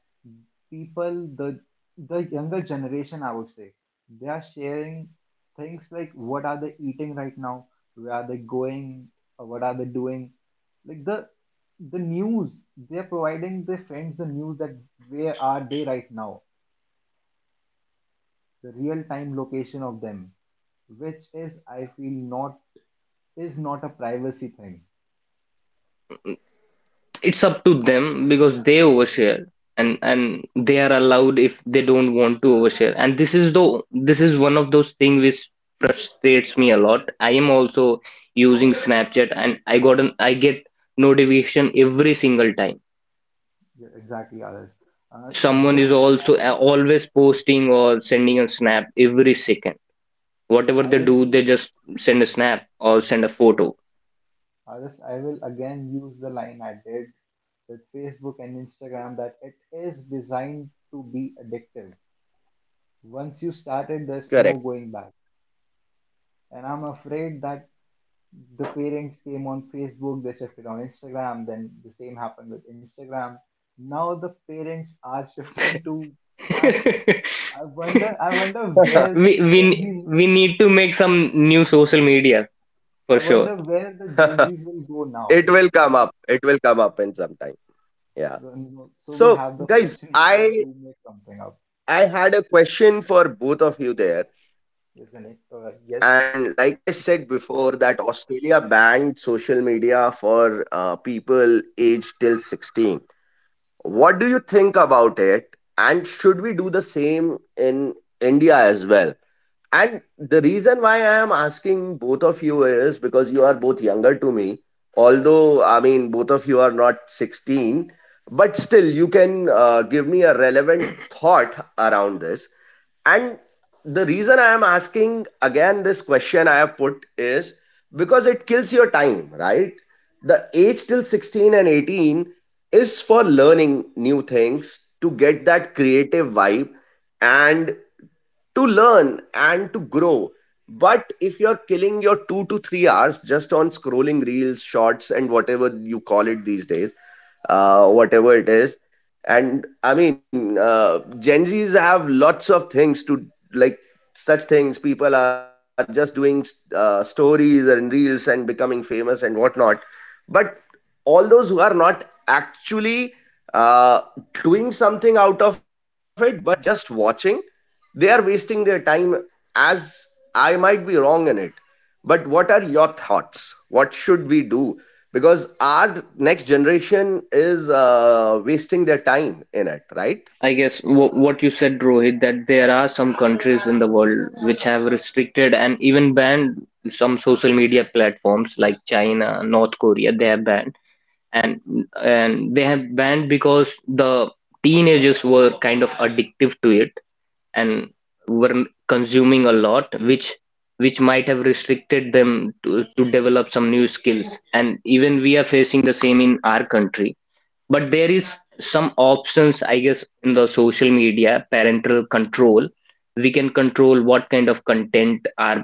S1: people, the younger generation, I would say, they are sharing things like what are they eating right now, where are they going, or what are they doing, like the news. They are providing their friends the news that where are they right now, the real time location of them, which is I feel not is not a privacy thing.
S2: it's up to them because they overshare and they are allowed if they don't want to overshare. And this is the this is one of those things which frustrates me a lot. I am also using Snapchat and I got an I get notification every single time
S1: Yeah, exactly, Adarsh. Uh,
S2: someone is
S1: just I will
S2: always posting or sending a snap every second whatever
S1: I
S2: they
S1: will
S2: do
S1: use
S2: they just send a snap or send a photo
S1: Adarsh, I will again use the line I did with Facebook and Instagram, that it is designed to be addictive. Once you started, there's
S3: Correct.
S1: no going back. And I'm afraid that the parents came on Facebook, they shifted on Instagram, then the same happened with Instagram. Now the parents are shifting to Snapchat. I wonder where
S2: we,
S1: the Gen
S2: we
S1: Z
S2: we need to make some new social media
S1: I
S2: for sure.
S1: wonder where the Gen Zs will go now.
S3: It will come up, it will come up in some time. Yeah.
S1: So you know, so we
S3: So
S1: have the
S3: guys,
S1: opportunity
S3: i
S1: to make something up,
S3: i had a question for both of you there.
S1: isn't it?
S3: And
S1: Yes,
S3: like I said before, that Australia banned social media for people aged till 16. What do you think about? And should we do the same in India as well? And the reason why I am asking both of you is because you are both younger to me. Although, I mean, both of you are not 16, but still, you can give me a relevant thought around this. And the reason I am asking again this question I have put is because it kills your time, right? The age till 16 and 18 is for learning new things to get that creative vibe and to learn and to grow. But if you're killing your 2 to 3 hours just on scrolling reels, shorts, and whatever you call it these days, whatever it is, and Gen Zs have lots of things to like such things. People are just doing stories and reels and becoming famous and whatnot. But all those who are not actually uh, doing something out of it, but just watching, they are wasting their time, as I might be wrong in it. But what are your thoughts? What should we do? Because our next generation is wasting their time in it, right?
S2: I guess what you said, Rohit, that there are some countries in the world which have restricted and even banned some social media platforms like China, North Korea. They have banned, and and they have banned because the teenagers were kind of addictive to it and were consuming a lot which might have restricted them to develop some new skills. And even we are facing the same in our country, but there is some options, I guess, in the social media: parental control. We can control what kind of content our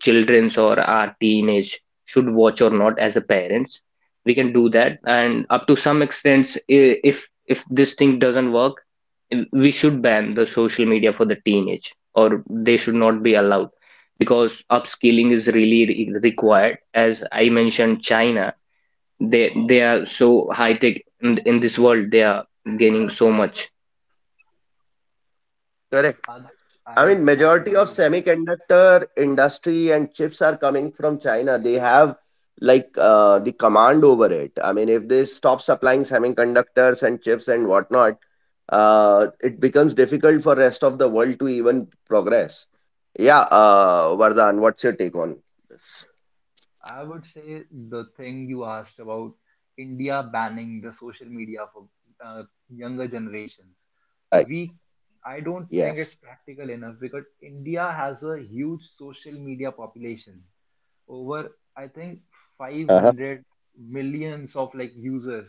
S2: children's or our teenage should watch or not as a parents. We can do that, and up to some extent, if this thing doesn't work, we should ban the social media for the teenage, or they should not be allowed because upskilling is really required. As I mentioned, China, they are so high tech in this world. They are gaining so much
S1: like,
S3: Correct.
S1: Adarsh,
S3: I mean,
S1: I
S3: majority of
S1: agree with you.
S3: semiconductor industry and chips are coming from China. They have like the command over it. I mean, if they stop supplying semiconductors and chips and whatnot, it becomes difficult for rest of the world to even progress. Yeah, Vardhan, what's your take on this?
S1: I would say the thing you asked about India banning the social media for younger generations.
S3: Right.
S1: We, I
S3: Yes.
S1: don't think it's practical enough, because India has a huge social media population, over I think
S3: Uh huh.
S1: 500 millions of like users.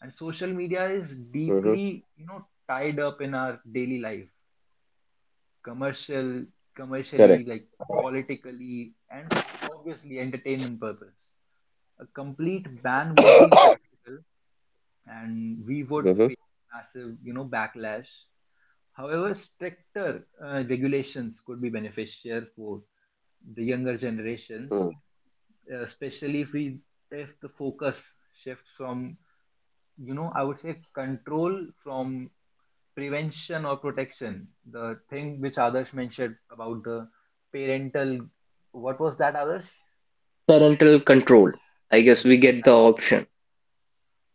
S1: And social media is
S3: Mm-hmm.
S1: deeply, you know, tied up in our daily life. commercial
S3: Correct.
S1: Commercially, like, politically, and obviously entertainment purpose, a complete ban would be impractical and we would
S3: Mm-hmm.
S1: face massive, you know, backlash. However, stricter regulations could be beneficial for the younger generations, especially if we if the focus shifts from, you know, I would say control, from prevention or protection. The thing which others mentioned about the parental, what was that, others?
S2: parental control. I guess we
S1: Yes,
S2: get the
S1: exactly.
S2: option.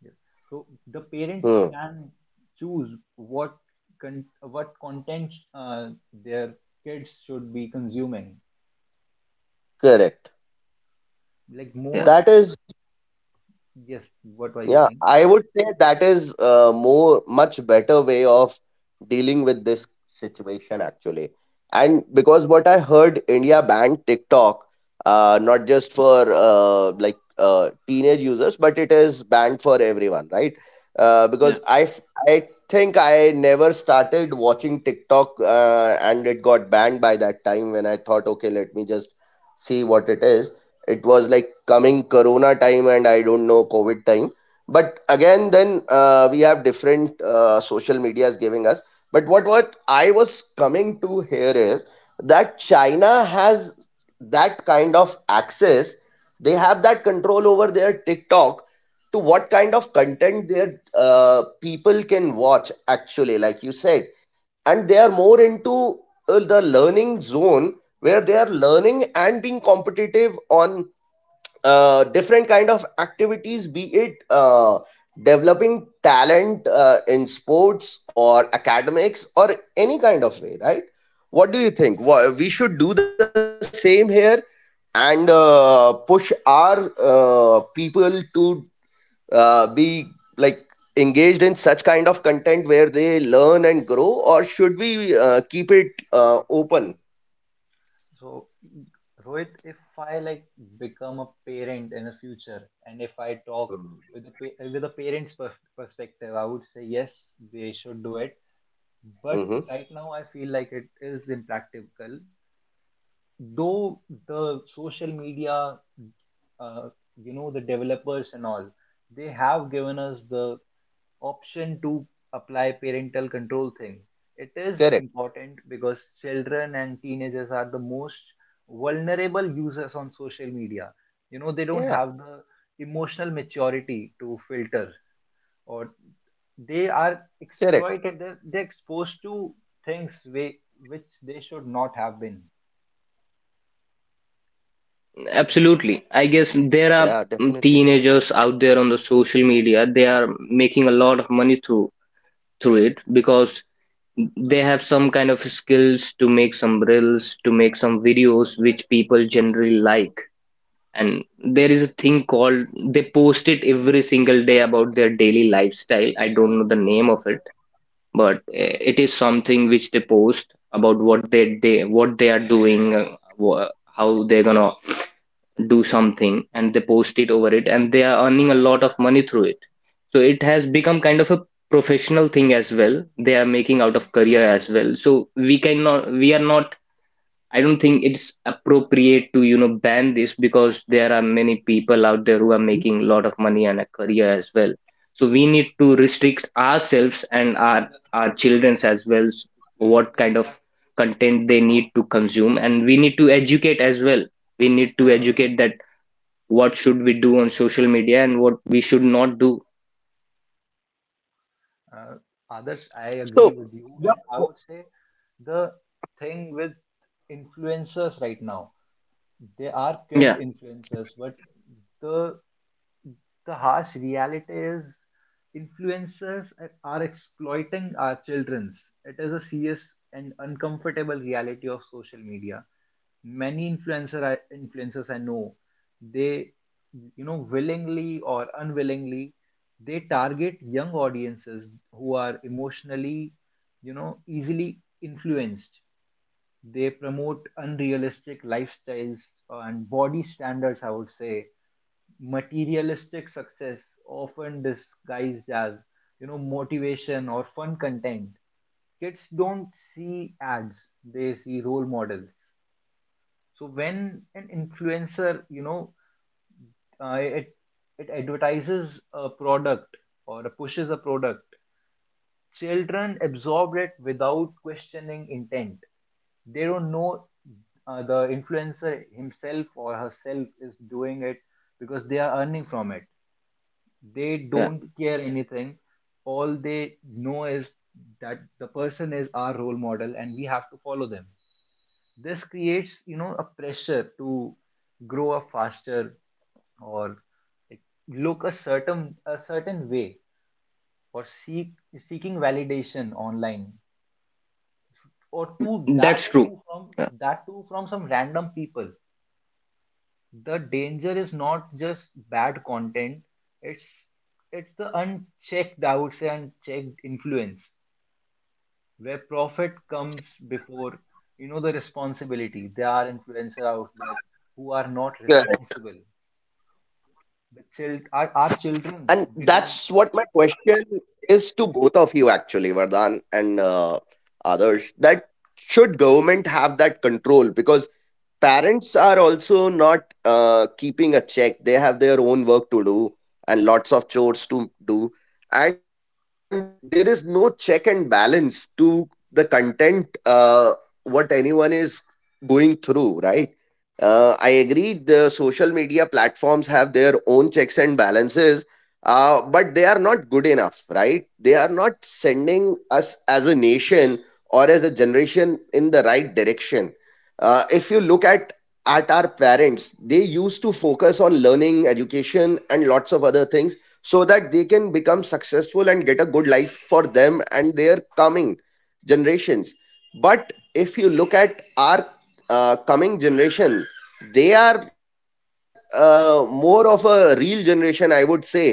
S1: Yes. So the
S3: Mm-hmm.
S1: parents can choose what what content their kids should be consuming,
S3: Correct.
S1: like,
S2: Yeah.
S1: more.
S3: That is.
S1: Yes, what were you
S3: Yeah,
S1: saying?
S3: I would say that is a more much better way of dealing with this situation actually. And because what I heard India banned not just for like teenage users, but it is banned for everyone, right? Uh, because
S2: Yeah.
S3: I f- I think I never started watching TikTok and it got banned by that time when I thought, okay, let me just see what it is. It was like coming corona time and I don't know COVID time. But again then we have different social medias giving us. But what I was coming to here is that China has that kind of access. They have that control over their TikTok, to what kind of content their people can watch actually, like you said. And they are more into the learning zone where they are learning and being competitive on different kind of activities, be it developing talent in sports or academics or any kind of way, right? What do you think? We should do the same here and push our people to be like engaged in such kind of content where they learn and grow, or should we keep it open.
S1: So, Rohit, if I like become a parent in the future, and if I talk with a with a parent's perspective, I would say yes, they should do it. But
S3: Mm-hmm.
S1: right now, I feel like it is impractical, though the social media, uh, you know, the developers and all, they have given us the option to apply parental control thing. It is
S3: Correct.
S1: important, because children and teenagers are the most vulnerable users on social media. You know, they don't
S3: Yeah,
S1: have the emotional maturity to filter, or
S3: correct.
S1: they are exploited, they're exposed to things way, which they should not have been.
S3: Yeah, definitely.
S2: Absolutely. I guess there are, teenagers out there on the social media. They are making a lot of money through through it because they have some kind of skills to make some reels, to make some videos which people generally like. And there is a thing called they post it every single day about their daily lifestyle. I don't know the name of it, but it is something which they post about what they what they are doing, how they're gonna do something, and they post it over it, and they are earning a lot of money through it. So it has become kind of a professional thing as well. They are making out of career as well. So we are not I don't think it's appropriate to, you know, ban this because there are many people out there who are making a lot of money and a career as well. So we need to restrict ourselves and our children's as well. What kind of content they need to consume, and we need to educate as well. We need to educate that what should we do on social media and what we should not do.
S1: Uh, Adarsh, I agree
S3: So
S1: with you, and I would say the thing with influencers right now, they are kid
S2: Yeah,
S1: influencers, but the the harsh reality is influencers are exploiting our children's. It is a serious and uncomfortable reality of social media. Many influencers I know, they, you know, willingly or unwillingly, they target young audiences who are emotionally, you know, easily influenced. They promote unrealistic lifestyles and body standards, I would say, materialistic success, often disguised as, you know, motivation or fun content. Kids don't see ads, they see role models. So when an influencer, you know, uh, it it advertises a product or pushes a product, children absorb it without questioning intent. They don't know the influencer himself or herself is doing it because they are earning from it. They
S2: yeah.
S1: don't care anything. All they know is that the person is our role model and we have to follow them. This creates, you know, a pressure to grow up faster or, like, look a certain way, or seeking validation online, or to that
S2: That's true.
S1: too from some random people. The danger is not just bad content, it's the unchecked, I would say, unchecked influence, where profit comes before, you know, the responsibility. There are influencers out there who are not
S3: correct.
S1: responsible. The child our
S3: And
S1: children's
S3: that's what my
S1: become
S3: question is to both of you, actually, Vardhan and others. That should government have that control? Because parents are also not keeping a check, they have their own work to do and lots of chores to do, and there is no check and balance to the content, what anyone is going through, right? I agree the social media platforms have their own checks and balances, but they are not good enough, right? They are not sending us as a nation or as a generation in the right direction. If you look at our used to focus on learning education and lots of other things so that they can become successful and get a good life for them and their coming generations. But if you look at our coming generation, they are more of a real generation, I would say.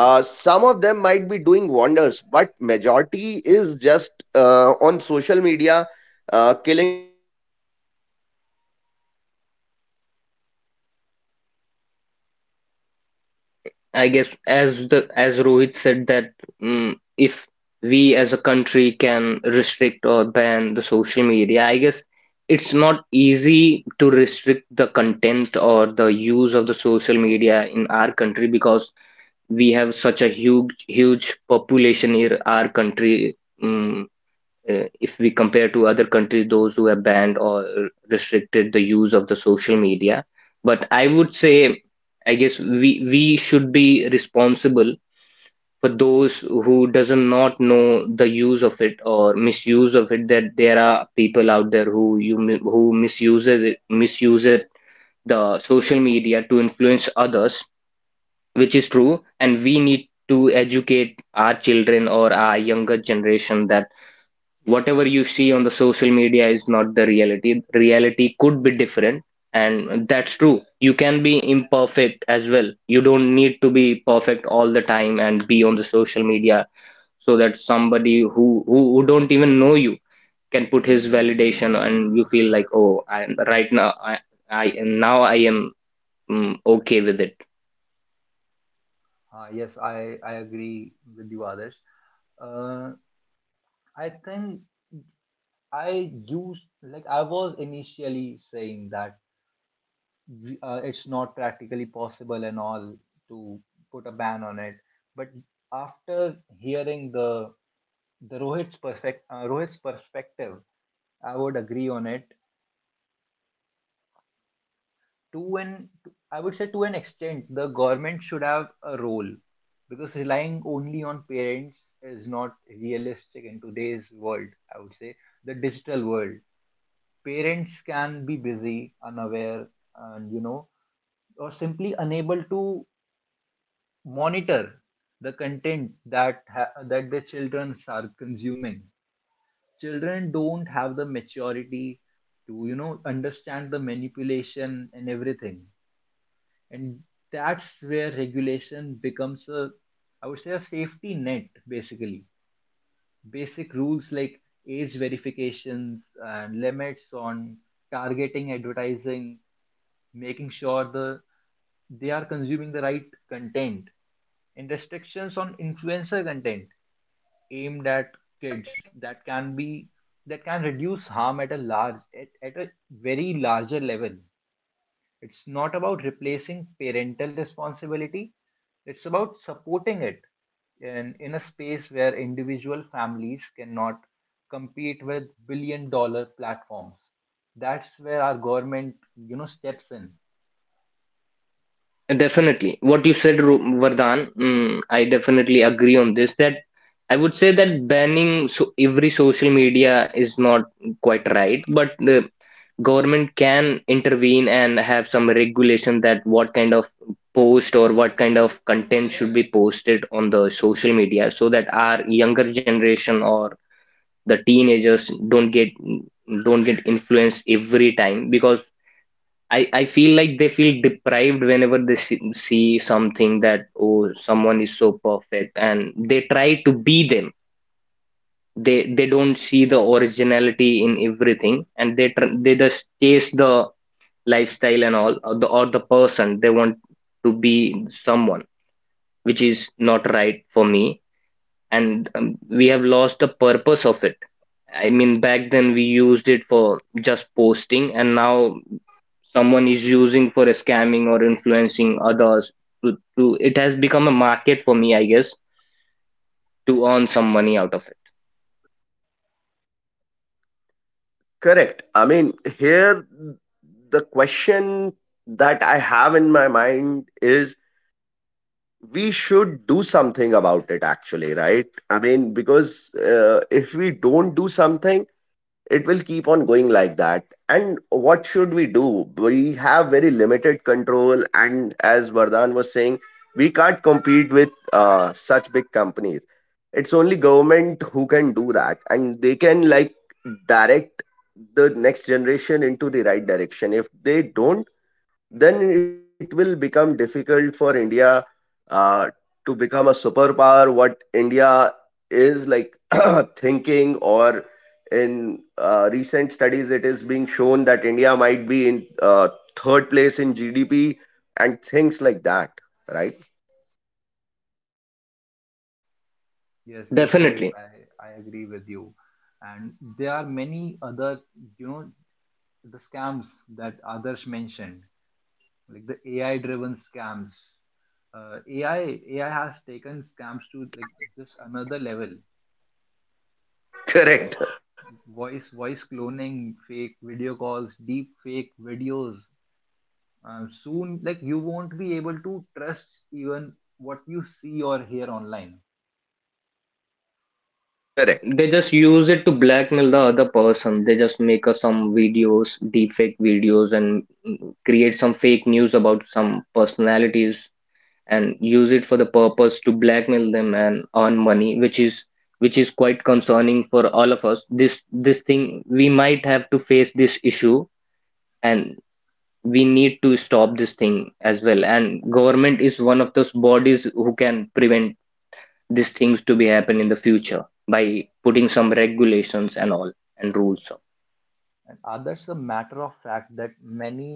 S1: yes.
S3: Some of them might be doing wonders, but majority is just on social.
S2: I guess as the as Rohit said that if we as a country can restrict or ban the social media, I guess it's not easy to restrict the content or the use of the social media in our country because we have such a huge huge population in our country. mm if we compare to other countries, those who have banned or restricted the use of the social media. But I would say, I guess we should be responsible for those who doesn't not know the use of it or misuse of it. That there are people out there who who misuses it, misuses the social media to influence others, which is true, and we need to educate our children or our younger generation that whatever you see on the social media is not the reality. Reality could be different, and that's true. You can be imperfect as well. You don't need to be perfect all the time and be on the social media so that somebody who don't even know you can put his validation and you feel like, oh, I am right now. I now I am okay with it.
S1: Yes, I agree with you, others. Uh, i think i used, like I was initially saying, that it's not practically possible and all to put a ban on it. But after hearing the Rohit's perfect Rohit's perspective, I would agree on it. To an I would say, to an extent, the government should have a role, because relying only on parents is not realistic in today's world. I would say the digital world. Parents can be busy, unaware, and, you know, or simply unable to monitor the content that that the children are consuming. Children don't have the maturity to, you know, understand the manipulation and everything, and that's where regulation becomes a, I would say, a safety net. Basically, basic rules like age verifications and limits on targeting advertising, making sure they are consuming the right content, and restrictions on influencer content aimed at kids, that can be that can reduce harm at a at a very larger level. It's not about replacing parental responsibility, it's about supporting it in a space where individual families cannot compete with billion-dollar platforms. That's where our government, you know, steps in.
S3: Right.
S2: Definitely. What you said, Vardhan, I definitely agree on this. That I would say that banning so every social media is not quite right, but the government can intervene and have some regulation that what kind of post or what kind of content should be posted on the social media so that our younger generation or the teenagers don't get influenced every time because I feel like they feel deprived whenever they see something that oh someone is so perfect and they try to be them. They don't see the originality in everything and they just chase the lifestyle and all, or or the person they want to be someone, which is not right for me. And we have lost the purpose of it. I mean, back then we used it for just posting, and now someone is using for scamming or influencing others to it has become a market for me, I guess, to earn some money out of it.
S3: Correct. I mean, here the question that I have in my mind is we should do something about it, actually, right? I mean, because if we don't do something, it will keep on going like that. And what should we do? We have very limited control, and as Vardhan was saying, we can't compete with such big companies. It's only government who can do that, and they can like direct the next generation into the right direction. If they don't, then it will become difficult for India, uh, to become a superpower. What India is like thinking, or in recent studies, it is being shown that India might be in third place in GDP and things like that, right?
S1: Yes, yes, Rohit,
S2: Definitely.
S1: I agree with you. And there are many other, you know, the scams that others mentioned, like the AI-driven scams. AI has taken scams to, like, just another level.
S3: Correct.
S1: Voice cloning, fake video calls, deep fake videos. Soon, like, you won't be able to trust even what you see or hear online.
S3: Correct.
S2: They just use it to blackmail the other person. They just make us some videos, deepfake videos, and create some fake news about some personalities and
S1: Yes.
S2: use it for the purpose to blackmail them and earn money, which is quite concerning for all of us. This thing we might have to face this issue. And we need to stop this thing as well, and government is one of those bodies who can prevent these things to be happen in the future by putting some regulations and all and rules. So
S1: And others, the matter of fact that many,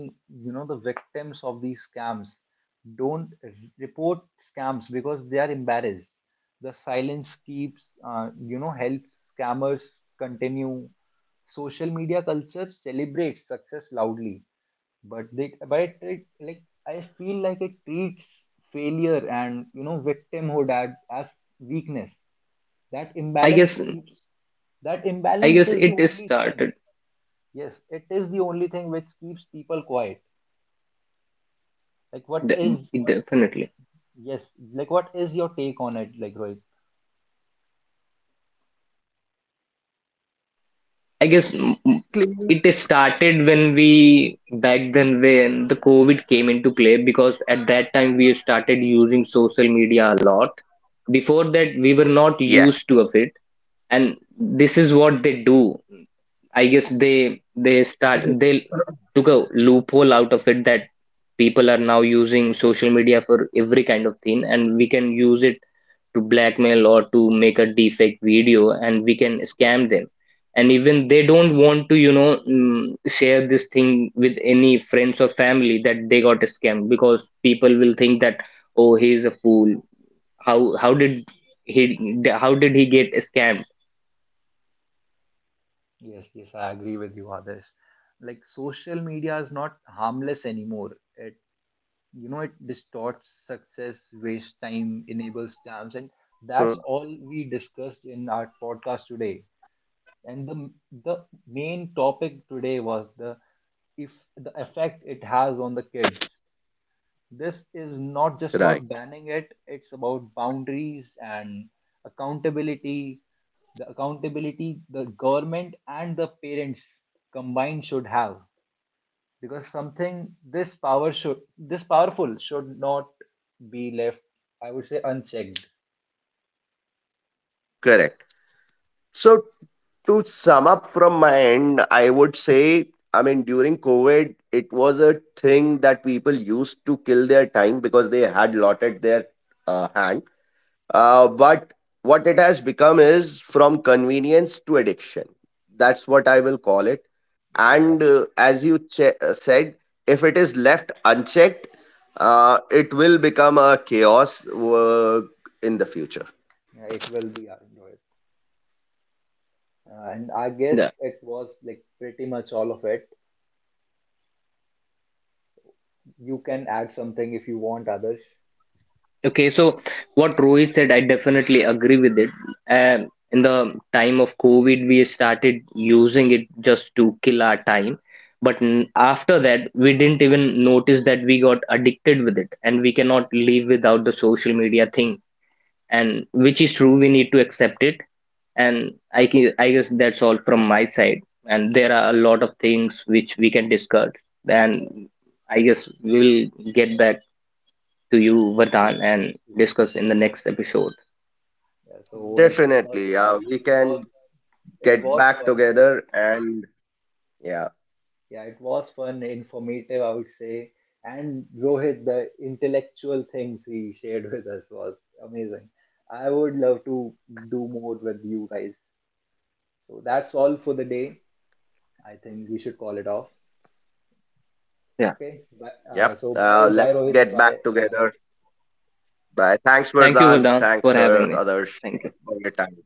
S1: you know, the victims of these scams don't report scams because they are embarrassed. The silence keeps, you know, helps scammers continue. Social media culture celebrates success loudly, but it, like, I feel like it treats failure and, you know, victimhood as weakness. that
S2: i
S1: imbalance
S2: guess
S1: keeps that
S2: i
S1: imbalance
S2: guess
S1: is the
S2: it is
S1: only thing.
S2: started.
S1: Yes, it is the only thing which keeps people quiet. Like, what
S2: de-
S1: is what?
S2: Definitely.
S1: Yes, like, what is your take on it? Like, Rohit.
S2: I guess.
S3: So
S2: It is
S3: basically,
S2: started when we back then when the COVID came into play, because at that time we started using social media a lot. Before that, we were not
S3: yes.
S2: used to of it. And this is what they do. I guess they took a loophole out of it that people are now using social media for every kind of thing, and we can use it to blackmail or to make a deepfake video, and we can scam them. And even they don't want to, you know, share this thing with any friends or family that they got scammed because people will think that, oh, he is a fool. How how did how did he get scammed?
S1: Yes, yes, I agree with you, others. Like, social media is not harmless anymore. You know, it distorts success, waste time, enables scams, and
S3: Hmm.
S1: that's all we discussed in our podcast today. And the main topic today was the if the effect it has on the kids. This is not just
S3: Right,
S1: about banning it, it's about boundaries and accountability. The accountability the government and the parents combined should have. Because something this power should this powerful should not be left, I would say, unchecked.
S3: correct. So to sum up from my end, I would say, I mean, during COVID, it was a thing that people used to kill their time because they had allotted their hand. But what it has become is from convenience to addiction. That's
S1: Yes,
S3: what I will call it.
S1: this is that.
S3: And said, if it is left unchecked, it will become a chaos in the future.
S1: Yeah, it will be Android. And I guess it was, like, pretty much all of it. You can add something if you want, others.
S2: Okay, so what Rohit said, I definitely agree with it. In the time of COVID, we started using it just to kill our time. But after that, we didn't even notice that we got addicted with it, and we cannot live without the social media thing. And which is true, we need to accept it. And I guess that's all from my side. And there are a lot of things which we can discuss. And I guess we'll get back to you, Vardhan, and discuss in the next episode.
S1: Yeah, so it
S3: Definitely,
S1: was
S3: yeah, we can
S1: it was fun.
S3: get back together and. Yeah.
S1: Yeah, it was fun, informative, I would say. And Rohit, the intellectual things he shared with us was amazing. I would love to do more with you guys. So that's all for the day. I think we should call it off.
S2: Yeah.
S1: Okay. Bye.
S3: Yep.
S1: So, bye,
S3: Let's
S1: bye, Rohit.
S3: get back
S1: Bye, bye,
S3: together.
S1: Adarsh.
S3: Bye. Thanks,
S2: Thank you,
S3: Vardhan.
S2: Vardhan,
S3: Thanks,
S2: for
S3: sir.
S2: having me.
S3: Others,
S2: Thank you.
S3: for your time.